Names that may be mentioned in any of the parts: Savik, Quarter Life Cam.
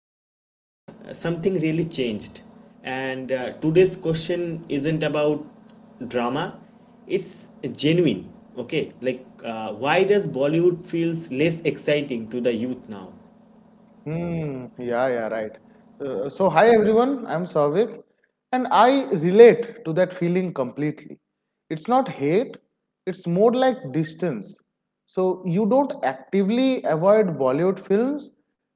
along the way, something really changed. And today's question isn't about drama, it's genuine. Okay, like why does Bollywood feels less exciting to the youth now? Hmm. Yeah, yeah, right. Hi everyone, I'm Savik, and I relate to that feeling completely. It's not hate, it's more like distance. So you don't actively avoid Bollywood films,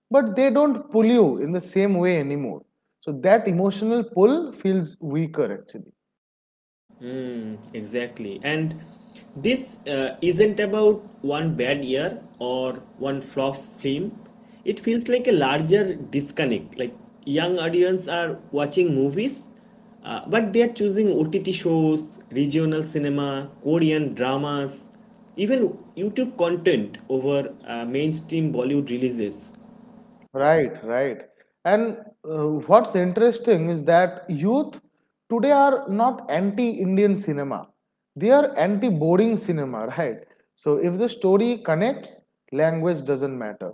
but they don't pull you in the same way anymore. So that emotional pull feels weaker actually. Exactly. And this isn't about one bad year or one flop film. It feels like a larger disconnect. Like young audience are watching movies, but they are choosing OTT shows, regional cinema, Korean dramas, even YouTube content over mainstream Bollywood releases. Right, right. And what's interesting is that youth today are not anti-Indian cinema. They are anti-boring cinema, right? So if the story connects, language doesn't matter.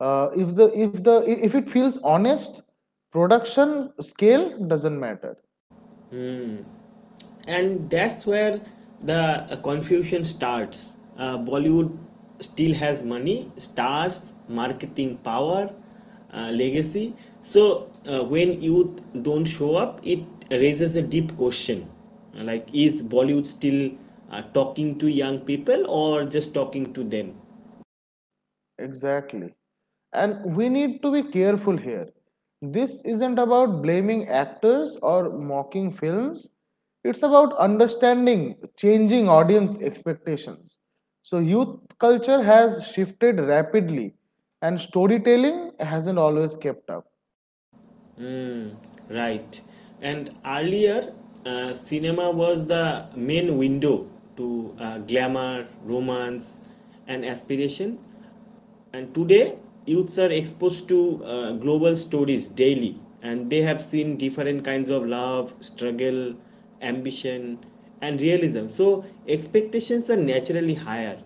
If the if the if it feels honest, production scale doesn't matter. And that's where the confusion starts. Uh, bollywood still has money, stars, marketing power, legacy. So when youth don't show up, it raises a deep question, like is Bollywood still talking to young people or just talking to them? Exactly. And we need to be careful here. This isn't about blaming actors or mocking films. It's about understanding changing audience expectations. So youth culture has shifted rapidly, and storytelling hasn't always kept up. Right. And earlier, cinema was the main window to glamour, romance, and aspiration. And today, youths are exposed to global stories daily, and they have seen different kinds of love, struggle, ambition, and realism. So, expectations are naturally higher.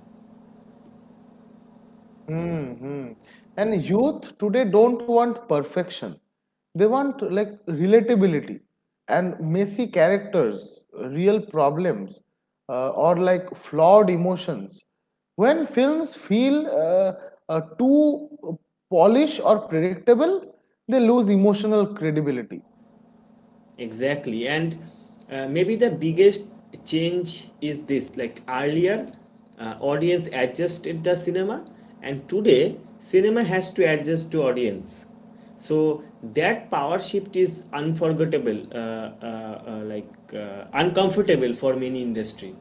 Mm-hmm. And youth today don't want perfection. They want like relatability and messy characters, real problems, or like flawed emotions. When films feel too polished or predictable, they lose emotional credibility. Exactly. And maybe the biggest change is this, like earlier, audience adjusted the cinema, and today, cinema has to adjust to audience. So that power shift is unforgettable, uncomfortable for many industry.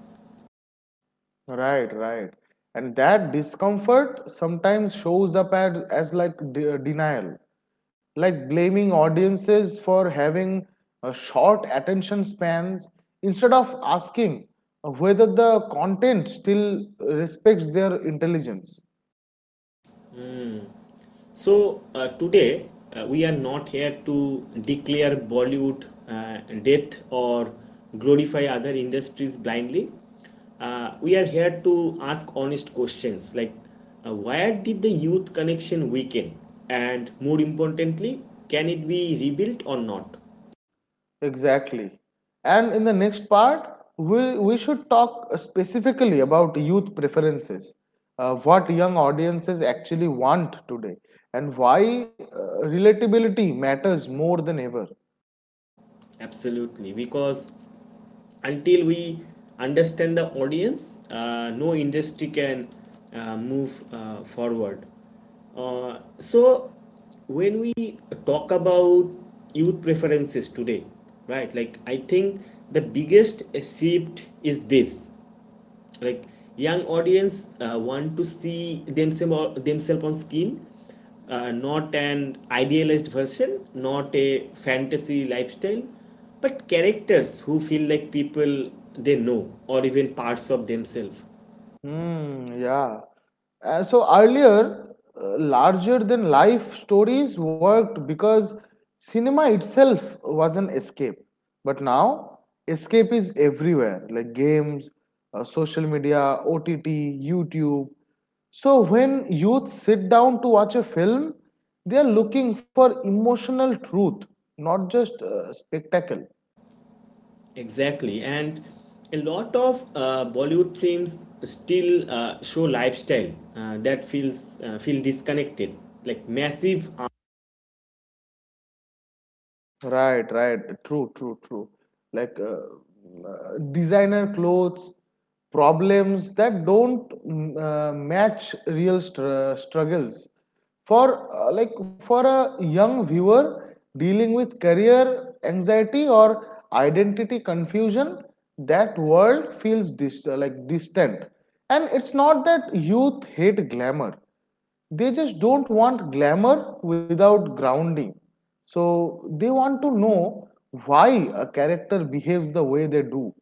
Right, right. And that discomfort sometimes shows up as, denial, like blaming audiences for having a short attention spans instead of asking whether the content still respects their intelligence. So today we are not here to declare Bollywood death or glorify other industries blindly. We are here to ask honest questions, like where did the youth connection weaken, and more importantly, can it be rebuilt or not? Exactly. And in the next part, we should talk specifically about youth preferences, what young audiences actually want today, and why relatability matters more than ever. Absolutely, because until we understand the audience, no industry can move forward. So, when we talk about youth preferences today, right, like I think the biggest shift is this, like young audience want to see themselves on screen, not an idealized version, not a fantasy lifestyle, but characters who feel like people they know or even parts of themselves. Mm, yeah. So earlier, larger than life stories worked because cinema itself was an escape. But now, escape is everywhere like games, social media, OTT, YouTube. So when youth sit down to watch a film, they are looking for emotional truth, not just spectacle. Exactly. And a lot of Bollywood films still show lifestyle that feel disconnected, like massive. Right, right. True, true, true. Like designer clothes, problems that don't match real struggles. For a young viewer dealing with career anxiety or identity confusion, that world feels like distant. And it's not that youth hate glamour, they just don't want glamour without grounding. So they want to know why a character behaves the way they do,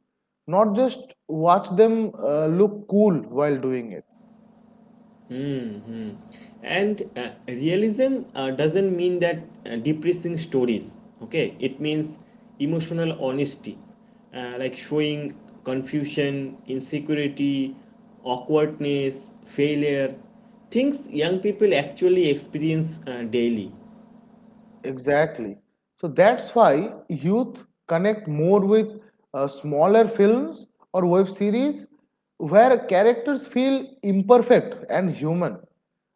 not just watch them look cool while doing it. And realism doesn't mean that depressing stories, okay, it means emotional honesty, like showing confusion, insecurity, awkwardness, failure, things young people actually experience daily. Exactly. So that's why youth connect more with smaller films or web series where characters feel imperfect and human.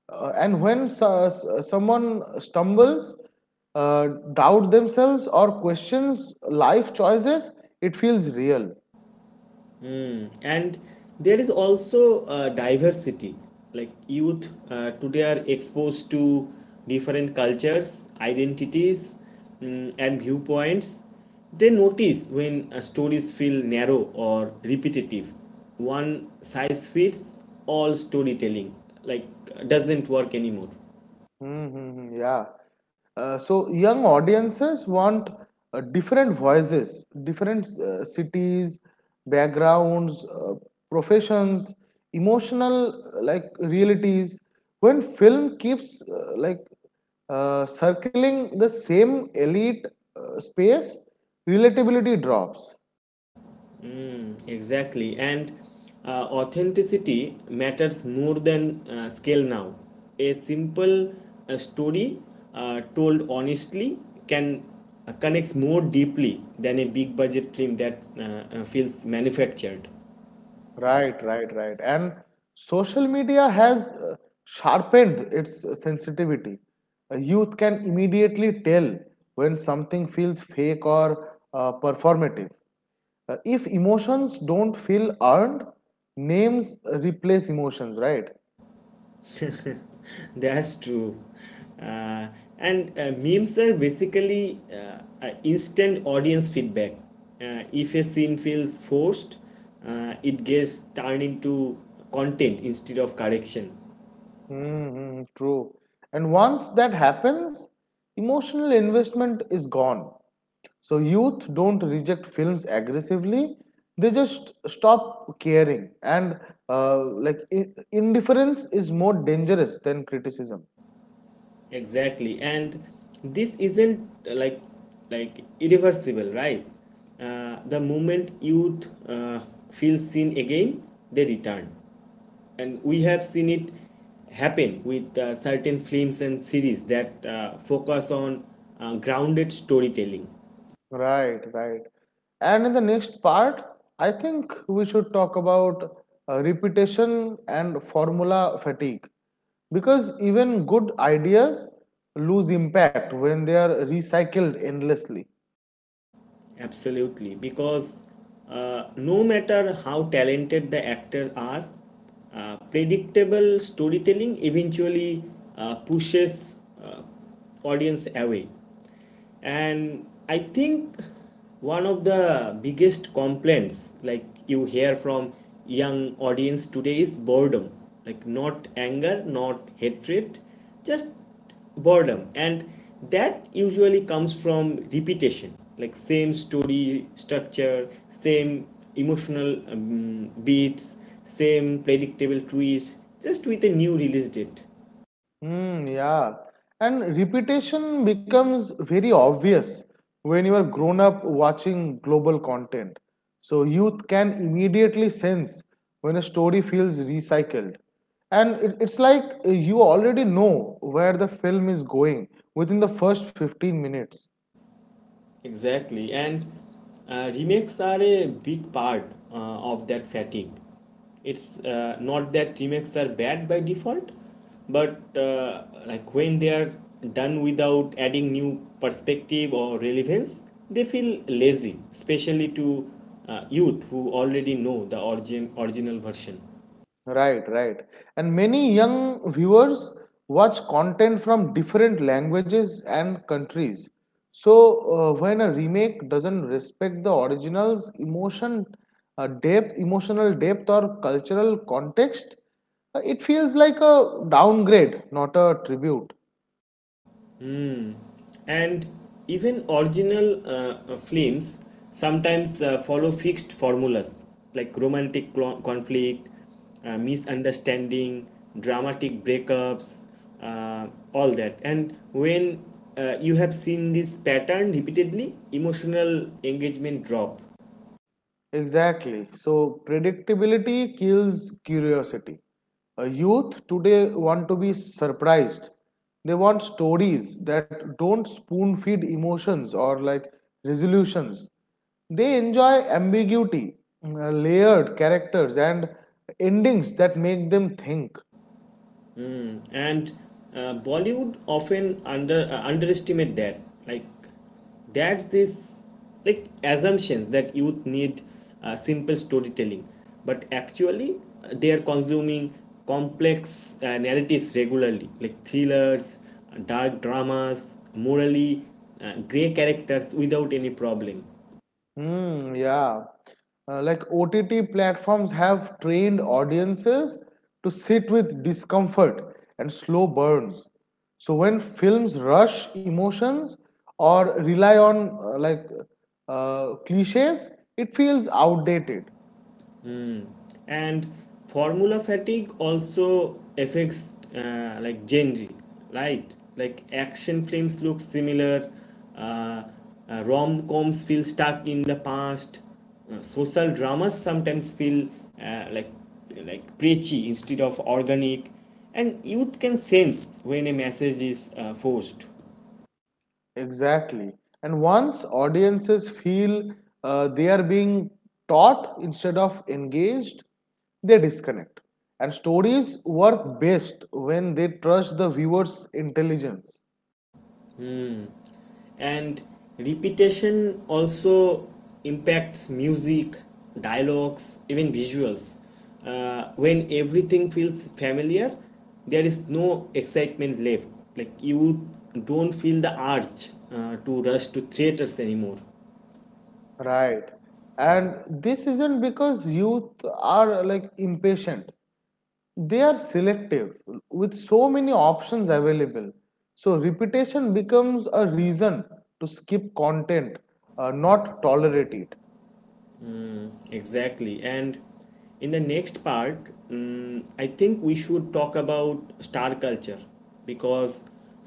And when someone stumbles, uh, doubt themselves or questions life choices, it feels real. Mm. And there is also diversity, like youth today are exposed to different cultures, identities, and viewpoints. They notice when stories feel narrow or repetitive. One size fits all storytelling, like, doesn't work anymore. Mm-hmm, yeah. So young audiences want different voices, different cities, backgrounds, professions, emotional realities. When film keeps circling the same elite space, relatability drops. Exactly, and authenticity matters more than scale now. A simple story told honestly can connects more deeply than a big budget film that feels manufactured. Right, right, right. And social media has sharpened its sensitivity. A youth can immediately tell when something feels fake or performative. If emotions don't feel earned, names replace emotions, right? That's true. Uh, and memes are basically instant audience feedback. If a scene feels forced, it gets turned into content instead of correction. Mm-hmm, true. And once that happens, emotional investment is gone. So youth don't reject films aggressively; they just stop caring. And indifference is more dangerous than criticism. Exactly, and this isn't irreversible, right? The moment youth feel seen again, they return, and we have seen it happen with certain films and series that focus on grounded storytelling. Right, right. And in the next part, I think we should talk about repetition and formula fatigue because even good ideas lose impact when they are recycled endlessly. Absolutely, because no matter how talented the actors are, predictable storytelling eventually pushes audience away. And I think one of the biggest complaints, like you hear from young audience today, is boredom. Like not anger, not hatred, just boredom, and that usually comes from repetition, like same story structure, same emotional beats, same predictable twist just with a new release date. Hmm. Yeah. And repetition becomes very obvious when you are grown up watching global content. So youth can immediately sense when a story feels recycled. And it's like you already know where the film is going within the first 15 minutes. Exactly, and remakes are a big part of that fatigue. It's not that remakes are bad by default, but like when they are done without adding new perspective or relevance, they feel lazy, especially to youth who already know the origin original version. Right, right. And many young viewers watch content from different languages and countries. So when a remake doesn't respect the original's emotion, depth, emotional depth, or cultural context, it feels like a downgrade, not a tribute. And even original films sometimes follow fixed formulas, like romantic conflict, misunderstanding, dramatic breakups, uh, all that. And when you have seen this pattern repeatedly, emotional engagement drop. Exactly. So predictability kills curiosity. A youth today want to be surprised. They want stories that don't spoon feed emotions or like resolutions. They enjoy ambiguity, layered characters, and endings that make them think. Mm, and Bollywood often underestimate that. Like that's this, like assumptions that youth need simple storytelling, but actually they are consuming complex narratives regularly, like thrillers, dark dramas, morally gray characters without any problem. Hmm, yeah. Like OTT platforms have trained audiences to sit with discomfort and slow burns. So when films rush emotions or rely on cliches, it feels outdated. And formula fatigue also affects like genre, right, like action films look similar, uh, rom-coms feel stuck in the past, social dramas sometimes feel uh, like preachy instead of organic, and youth can sense when a message is forced. Exactly. And once audiences feel they are being taught instead of engaged, they disconnect. And stories work best when they trust the viewer's intelligence. And repetition also impacts music, dialogues, even visuals. Uh, when everything feels familiar, there is no excitement left, like you don't feel the urge to rush to theaters anymore. Right. And this isn't because youth are like impatient, they are selective with so many options available. So repetition becomes a reason to skip content, not tolerate it. Exactly. And in the next part, I think we should talk about star culture, because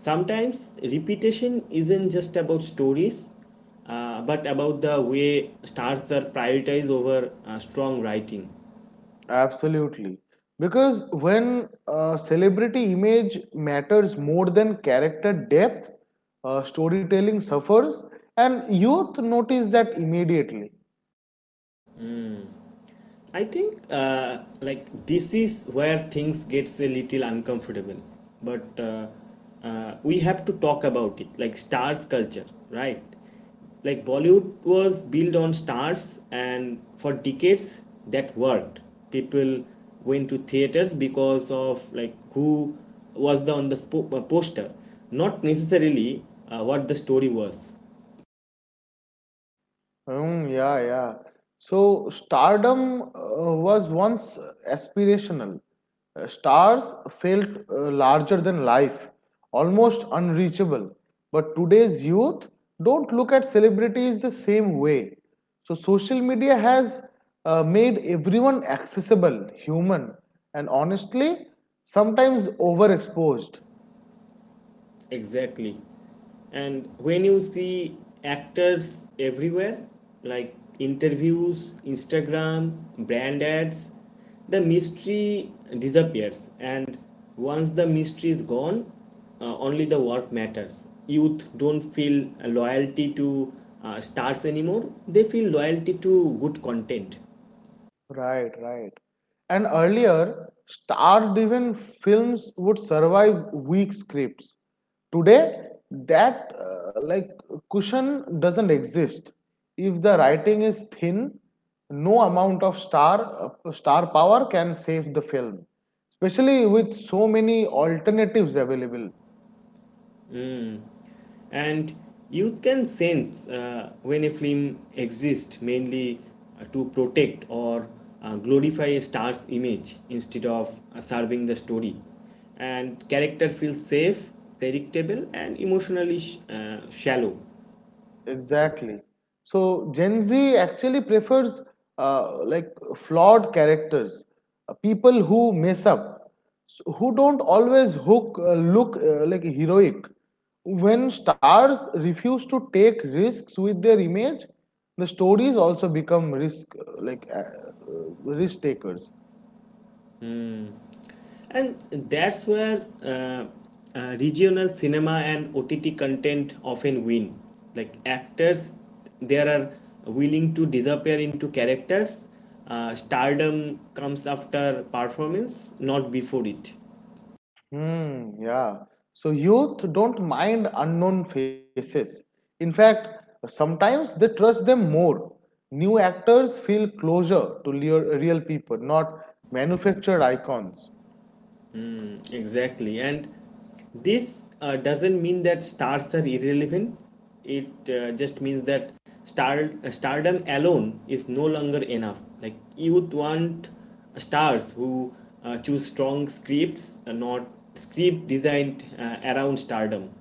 sometimes repetition isn't just about stories, but about the way stars are prioritized over strong writing. Absolutely. Because when celebrity image matters more than character depth, storytelling suffers, and youth notice that immediately. I think like this is where things gets a little uncomfortable, but we have to talk about it. Like stars culture, right? Like Bollywood was built on stars, and for decades that worked. People went to theaters because of, like, who was the on the spo- poster, not necessarily what the story was. Mm, yeah, yeah. So stardom was once aspirational. Stars felt larger than life, almost unreachable. But today's youth don't look at celebrities the same way. So social media has made everyone accessible, human, and honestly, sometimes overexposed. Exactly. And when you see actors everywhere, like interviews, Instagram, brand ads, the mystery disappears. And once the mystery is gone, only the work matters. Youth don't feel loyalty to stars anymore, they feel loyalty to good content. Right, right. And earlier, star-driven films would survive weak scripts. Today, that cushion doesn't exist. If the writing is thin, no amount of star power can save the film, especially with so many alternatives available. And you can sense when a film exists mainly to protect or glorify a star's image instead of serving the story, and character feels safe, predictable, and emotionally shallow. Exactly. So Gen Z actually prefers flawed characters, people who mess up, s- who don't always hook look like heroic. When stars refuse to take risks with their image, the stories also become risk takers. And that's where regional cinema and OTT content often win. Like actors, they are willing to disappear into characters. Stardom comes after performance, not before it. Hmm, yeah. So youth don't mind unknown faces. In fact, sometimes they trust them more. New actors feel closer to real people, not manufactured icons. Exactly. And this doesn't mean that stars are irrelevant. It just means that stardom alone is no longer enough. Like youth want stars who choose strong scripts, not script designed around stardom.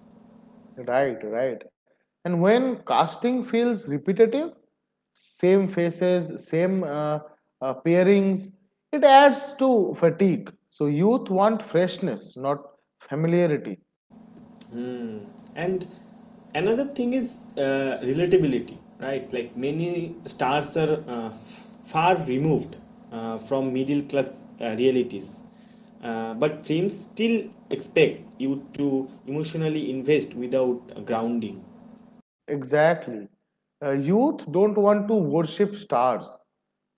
Right, right. And when casting feels repetitive, same faces, same pairings, it adds to fatigue. So youth want freshness, not familiarity. Mm. And another thing is relatability, right? Like many stars are far removed from middle class realities. But films still expect you to emotionally invest without grounding. Exactly. Youth don't want to worship stars.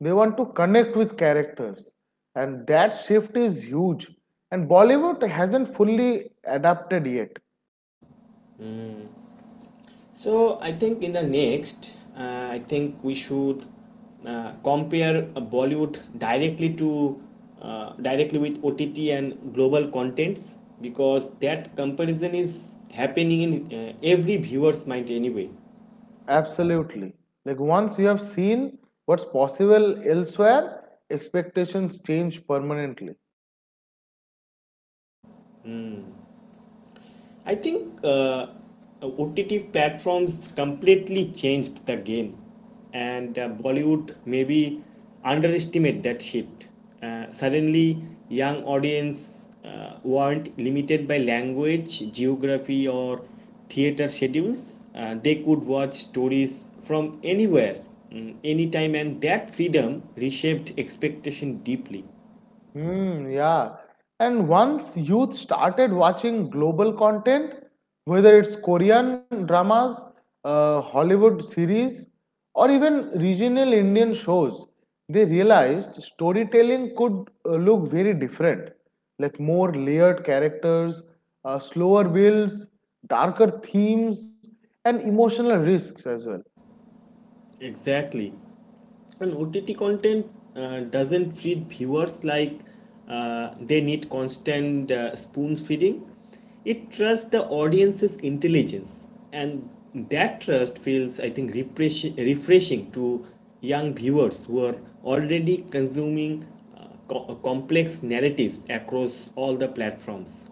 They want to connect with characters. And that shift is huge. And Bollywood hasn't fully adapted yet. So I think in the next, I think we should compare a Bollywood directly to directly with OTT and global contents, because that comparison is happening in every viewer's mind anyway. Absolutely. Like once you have seen what's possible elsewhere, expectations change permanently. Hmm. I think OTT platforms completely changed the game, and Bollywood maybe underestimate that shift. Suddenly, young audience weren't limited by language, geography, or theater schedules. They could watch stories from anywhere, anytime, and that freedom reshaped expectation deeply. Hmm, yeah. And once youth started watching global content, whether it's Korean dramas, Hollywood series, or even regional Indian shows, they realized storytelling could look very different, like more layered characters, slower builds, darker themes, and emotional risks as well. Exactly. And OTT content doesn't treat viewers like they need constant spoon feeding. It trusts the audience's intelligence, and that trust feels, I think, refreshing, to young viewers who are already consuming complex narratives across all the platforms.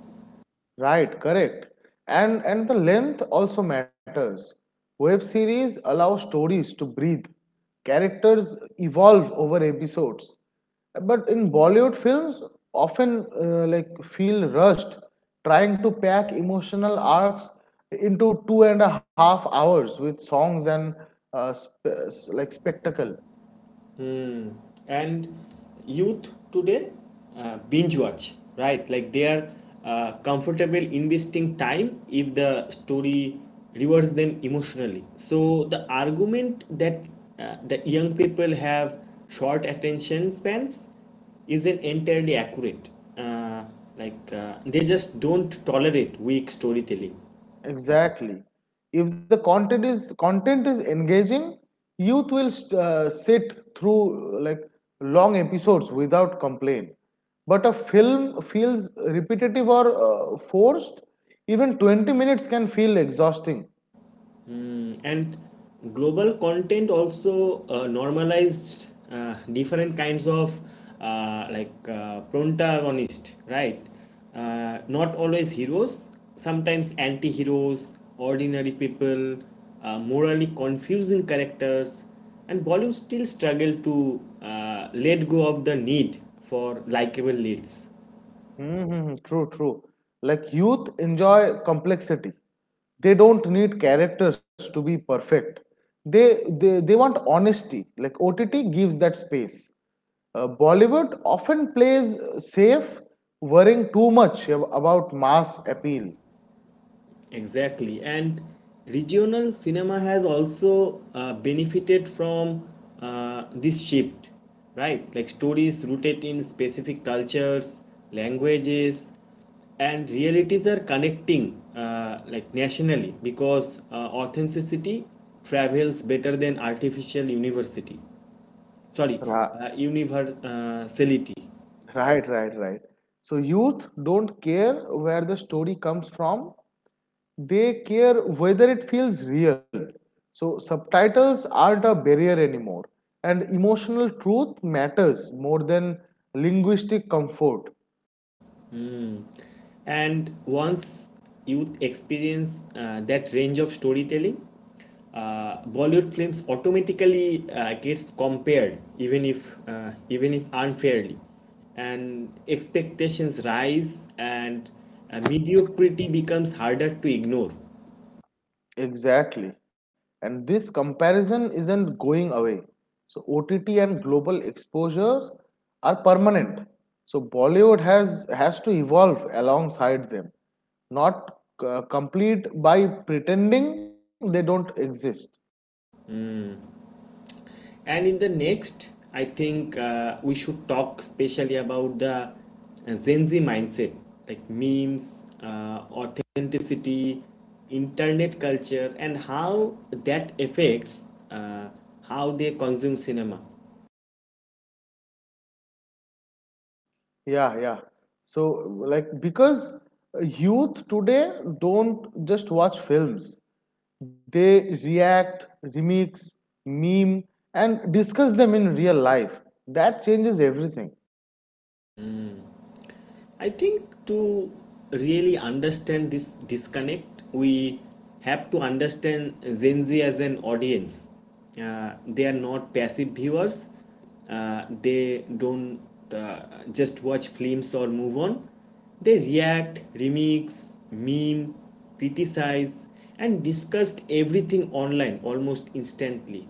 Right, correct. And the length also matters. Web series allow stories to breathe. Characters evolve over episodes. But in Bollywood films often feel rushed trying to pack emotional arcs into 2.5 hours with songs and spectacle. And youth today binge watch, right, like they are comfortable investing time if the story rewards them emotionally. So the argument that young people have short attention spans isn't entirely accurate. Uh, like they just don't tolerate weak storytelling. Exactly. If the content is engaging, youth will sit through like long episodes without complaint. But a film feels repetitive or forced. Even 20 minutes can feel exhausting. Mm, and global content also normalized different kinds of protagonist, right? Not always heroes, sometimes anti heroes, ordinary people, morally confusing characters, and Bollywood still struggle to let go of the need for likable leads. Mm-hmm. True, true. Like youth enjoy complexity. They don't need characters to be perfect. They want honesty. Like OTT gives that space. Bollywood often plays safe, worrying too much about mass appeal. Exactly. And regional cinema has also benefited from this shift, right? Like stories rooted in specific cultures, languages, and realities are connecting like nationally, because authenticity travels better than artificial university. Sorry, Ra- universality. Right, right, right. So youth don't care where the story comes from. They care whether it feels real. So subtitles aren't a barrier anymore, and emotional truth matters more than linguistic comfort. Hmm. And once you experience that range of storytelling, Bollywood films automatically gets compared, even if unfairly, and expectations rise, and mediocrity becomes harder to ignore. Exactly. And this comparison isn't going away. So OTT and global exposures are permanent. So Bollywood has to evolve alongside them, not complete by pretending they don't exist. And in the next, I think we should talk especially about the Gen Z mindset, like memes, authenticity, internet culture, and how that affects how they consume cinema. Yeah, yeah. So, like, because youth today don't just watch films, they react, remix, meme, and discuss them in real life. That changes everything. I think to really understand this disconnect, we have to understand Gen Z as an audience. They are not passive viewers. They don't uh, just watch films or move on. They react, remix, meme, criticize, and discuss everything online almost instantly.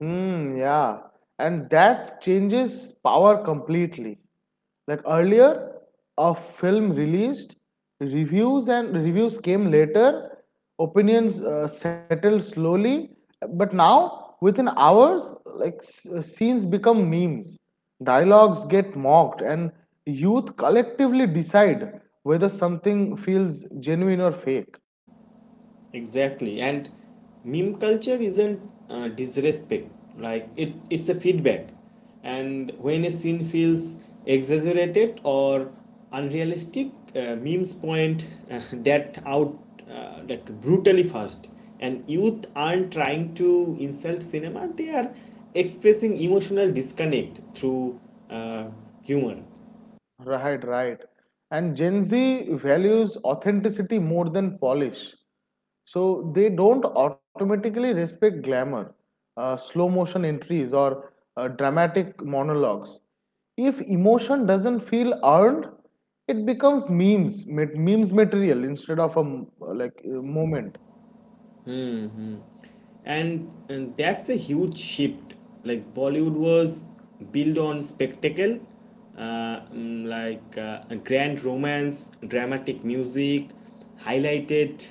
Hmm. Yeah. And that changes power completely. Like earlier, a film released, reviews came later, opinions settled slowly, but now within hours, like scenes become memes, dialogues get mocked, and youth collectively decide whether something feels genuine or fake. Exactly. And meme culture isn't disrespect, like it's a feedback. And when a scene feels exaggerated or unrealistic, memes point that out like brutally fast. And youth aren't trying to insult cinema, they are expressing emotional disconnect through uh, humor. Right, right. And Gen Z values authenticity more than polish. So they don't automatically respect glamour, slow motion entries, or dramatic monologues. If emotion doesn't feel earned, it becomes memes material instead of a m- like a moment. And that's a huge shift. Like Bollywood was built on spectacle, a grand romance, dramatic music highlighted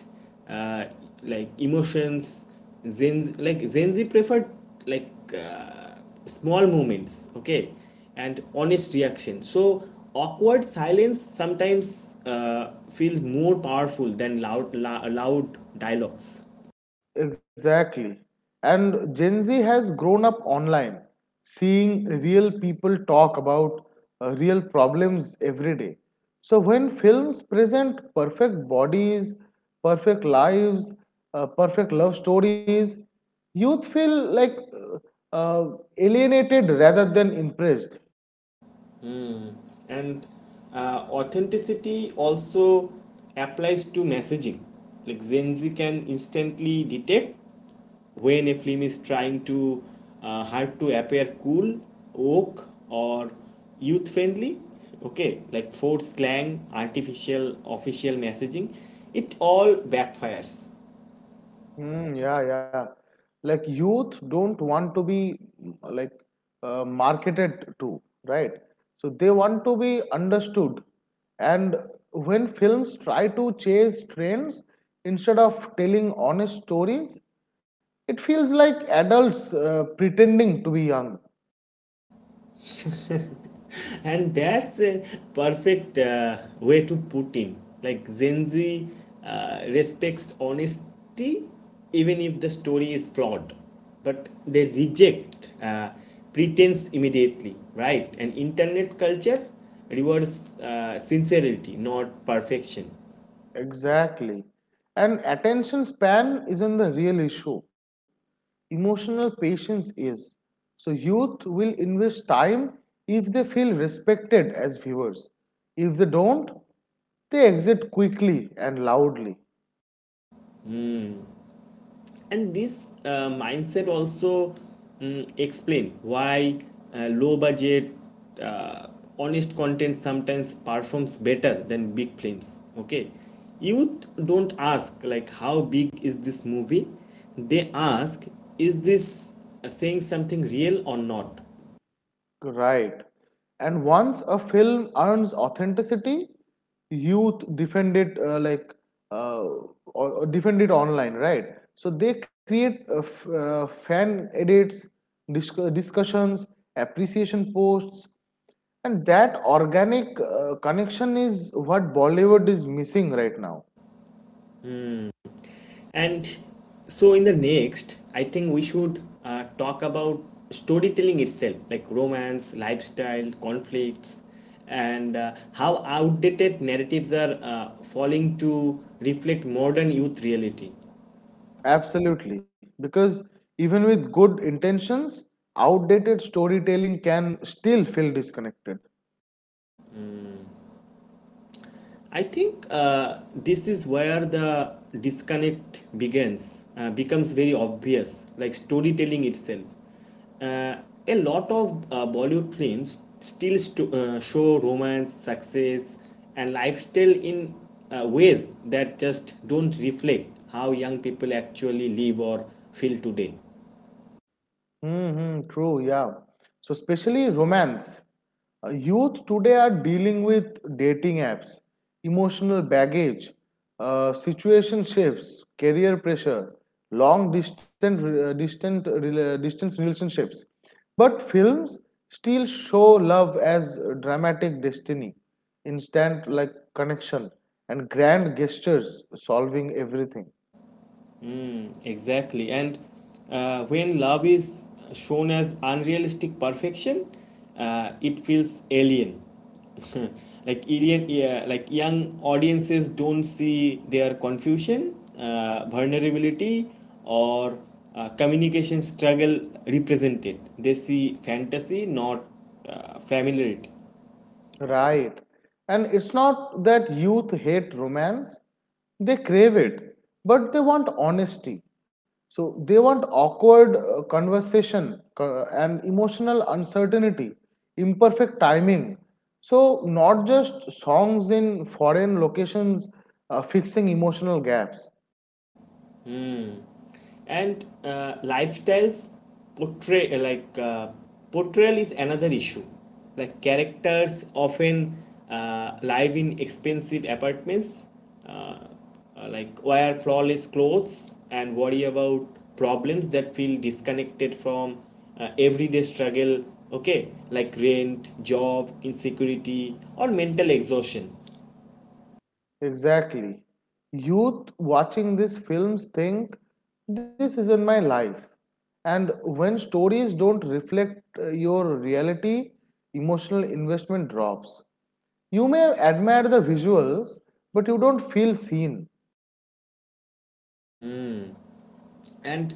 uh, like emotions. Zenzi preferred like uh, small moments, okay, and honest reaction. So awkward silence sometimes feels more powerful than loud dialogues. Exactly. And Gen Z has grown up online, seeing real people talk about real problems every day. So when films present perfect bodies, perfect lives, perfect love stories, youth feel like alienated rather than impressed. And authenticity also applies to messaging. Like Gen Z can instantly detect when a film is trying to hard to appear cool, woke, or youth friendly. Okay, like forced slang, artificial official messaging, it all backfires. Mm, yeah, yeah. Like youth don't want to be marketed to, right? So they want to be understood. And when films try to chase trends instead of telling honest stories, it feels like adults pretending to be young. And that's a perfect way to put in. Like Gen Z respects honesty, even if the story is flawed, but they reject pretense immediately, right? And internet culture rewards sincerity, not perfection. Exactly. And attention span isn't the real issue. Emotional patience is. So youth will invest time if they feel respected as viewers. If they don't, they exit quickly and loudly. And this mindset also explain why low budget, uh, honest content sometimes performs better than big films. Okay, you don't ask like how big is this movie. They ask, is this saying something real or not? Right. And once a film earns authenticity, youth defend it uh, or or defend it online, right? So they create fan edits, discussions, appreciation posts, and that organic connection is what Bollywood is missing right now. And so, in the next, I think we should talk about storytelling itself, like romance, lifestyle, conflicts, and how outdated narratives are falling to reflect modern youth reality. Absolutely, because even with good intentions, outdated storytelling can still feel disconnected. I think this is where the disconnect becomes very obvious, like storytelling itself. Uh, a lot of Bollywood films still show romance, success, and lifestyle in ways that just don't reflect how young people actually live or feel today. Mm-hmm, true, yeah. So, especially romance. Youth today are dealing with dating apps, emotional baggage, situationships, career pressure, long distance relationships. But films still show love as dramatic destiny, instant like connection, and grand gestures solving everything. Exactly. And when love is shown as unrealistic perfection, it feels alien. Like alien, yeah, like young audiences don't see their confusion, vulnerability, or communication struggle represented. They see fantasy, not familiarity. Right. And it's not that youth hate romance, they crave it, but they want honesty. So they want awkward conversation and emotional uncertainty, imperfect timing. So, not just songs in foreign locations fixing emotional gaps. Hmm. And lifestyles portray uh, like uh, portrayal is another issue. Like characters often live in expensive apartments, uh, wear flawless clothes and worry about problems that feel disconnected from everyday struggle. Okay, like rent, job, insecurity, or mental exhaustion. Exactly. Youth watching these films think this isn't my life. And when stories don't reflect your reality, emotional investment drops. You may admire the visuals, but you don't feel seen. And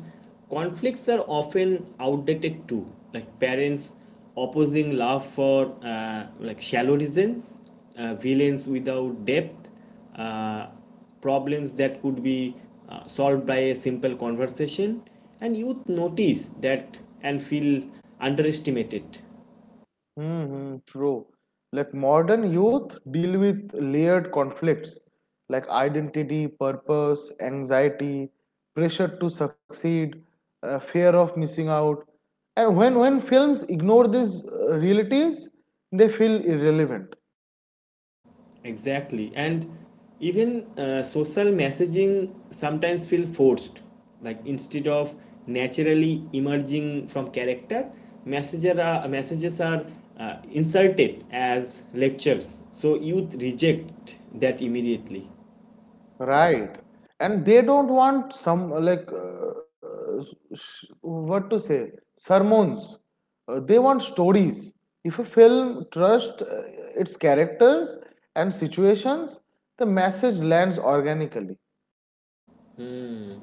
conflicts are often outdated too. Like parents opposing love for shallow reasons, villains without depth, uh, problems that could be solved by a simple conversation. And youth notice that and feel underestimated. Mm-hmm, true. Like modern youth deal with layered conflicts like identity, purpose, anxiety, pressure to succeed, fear of missing out. And when films ignore these realities, they feel irrelevant. Exactly. And even social messaging sometimes feel forced. Like instead of naturally emerging from character, messages are inserted as lectures. So youth reject that immediately. Right. And they don't want some like sh- what to say sermons. They want stories. If a film trusts its characters and situations, the message lands organically. Mm.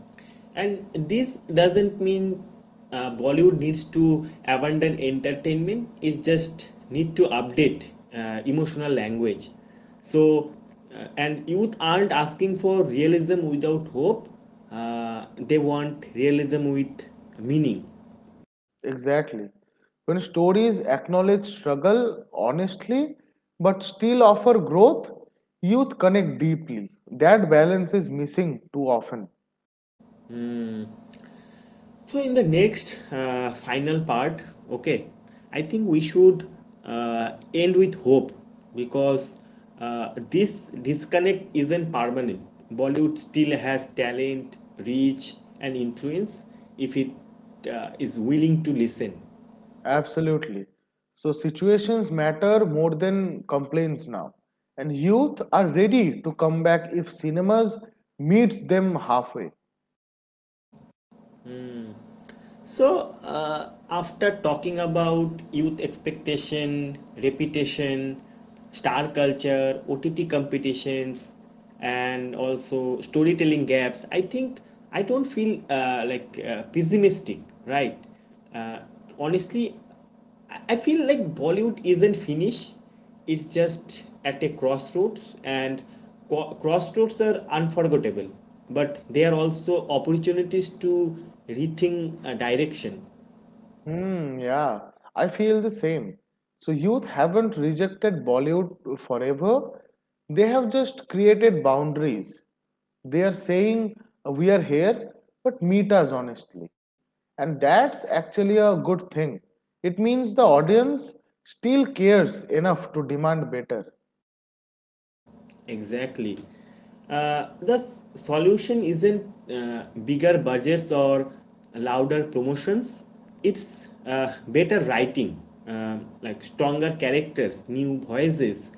And this doesn't mean Bollywood needs to abandon entertainment. It just need to update emotional language. So, and youth aren't asking for realism without hope. They want realism with meaning. Exactly. When stories acknowledge struggle honestly but still offer growth, youth connect deeply. That balance is missing too often. So, in the next final part, okay, I think we should end with hope, because this disconnect isn't permanent. Bollywood still has talent, reach, and influence if it is willing to listen. Absolutely. So situations matter more than complaints now. And youth are ready to come back if cinemas meets them halfway. So, after talking about youth expectation, reputation, star culture, OTT competitions, and also storytelling gaps, I think I don't feel pessimistic, right? Uh, Honestly, I feel like Bollywood isn't finished. It's just at a crossroads, and crossroads are unforgettable, but they are also opportunities to rethink a direction. Hmm, yeah, I feel the same. So youth haven't rejected Bollywood forever. They have just created boundaries. They are saying we are here, but meet us honestly. And that's actually a good thing. It means the audience still cares enough to demand better. Exactly. The solution isn't bigger budgets or louder promotions. It's better writing, like stronger characters, new voices,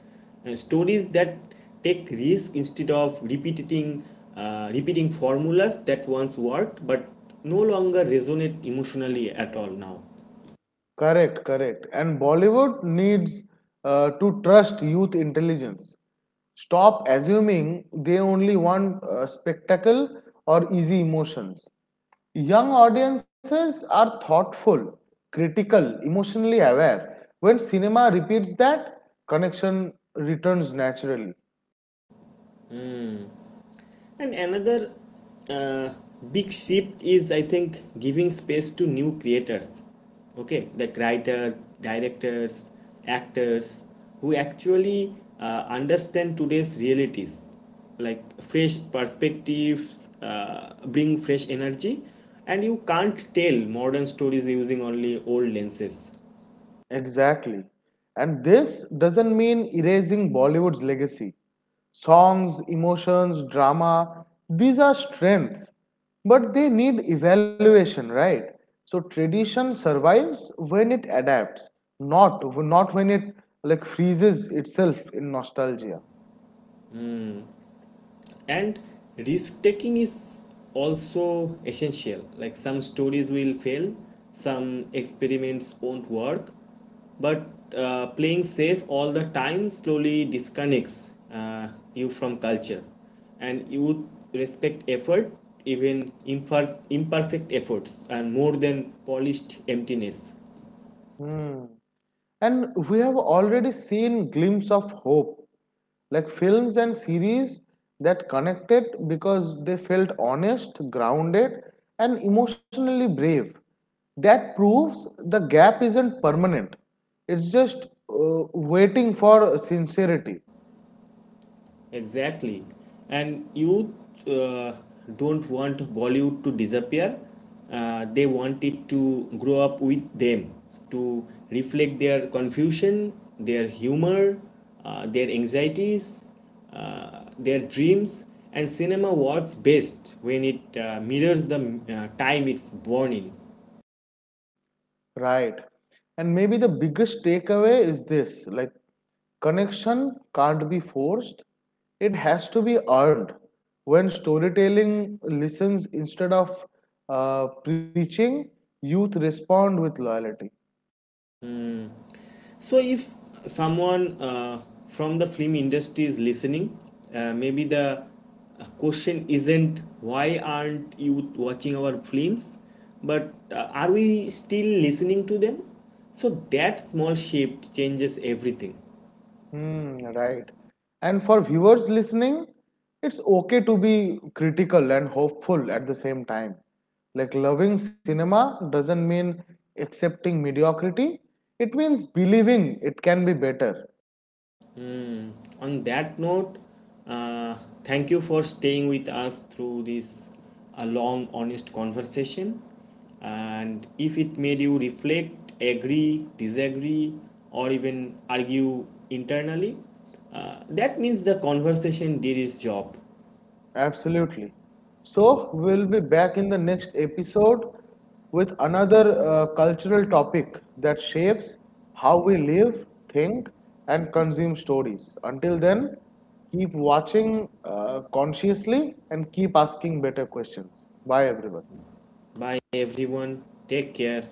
stories that take risk instead of repeating formulas that once worked but no longer resonate emotionally at all now. Correct, correct. And Bollywood needs to trust youth intelligence. Stop assuming they only want spectacle or easy emotions. Young audiences are thoughtful, critical, emotionally aware. When cinema repeats that, connection returns naturally. And another uh, big shift is, I think, giving space to new creators. Okay, like writers, directors, actors, who actually understand today's realities, like fresh perspectives, bring fresh energy, and you can't tell modern stories using only old lenses. Exactly. And this doesn't mean erasing Bollywood's legacy. Songs, emotions, drama, these are strengths, but they need evaluation, right? So tradition survives when it adapts, not when it like freezes itself in nostalgia. And risk taking is also essential. Like some stories will fail, some experiments won't work, but playing safe all the time slowly disconnects you from culture. And you respect effort, even imperfect efforts, and more than polished emptiness. Hmm. And we have already seen glimpse of hope like films and series that connected because they felt honest, grounded, and emotionally brave. That proves the gap isn't permanent, it's just waiting for sincerity, Exactly. And you uh, don't want Bollywood to disappear. They want it to grow up with them, to reflect their confusion, their humor, their anxieties, their dreams. And cinema works best when it mirrors the time it's born in. right? And maybe the biggest takeaway is this like, connection can't be forced, it has to be earned. When storytelling listens instead of preaching, youth respond with loyalty. So, if someone from the film industry is listening, maybe the question isn't why aren't you watching our films, but are we still listening to them? So, that small shift changes everything. Hmm, right. And for viewers listening, it's okay to be critical and hopeful at the same time. Like loving cinema doesn't mean accepting mediocrity, it means believing it can be better. On that note, uh, thank you for staying with us through this a long, honest conversation. And if it made you reflect, agree, disagree, or even argue internally, that means the conversation did its job. Absolutely. So we'll be back in the next episode with another cultural topic that shapes how we live, think, and consume stories. Until then, keep watching consciously and keep asking better questions. Bye, everyone. Bye, everyone. Take care.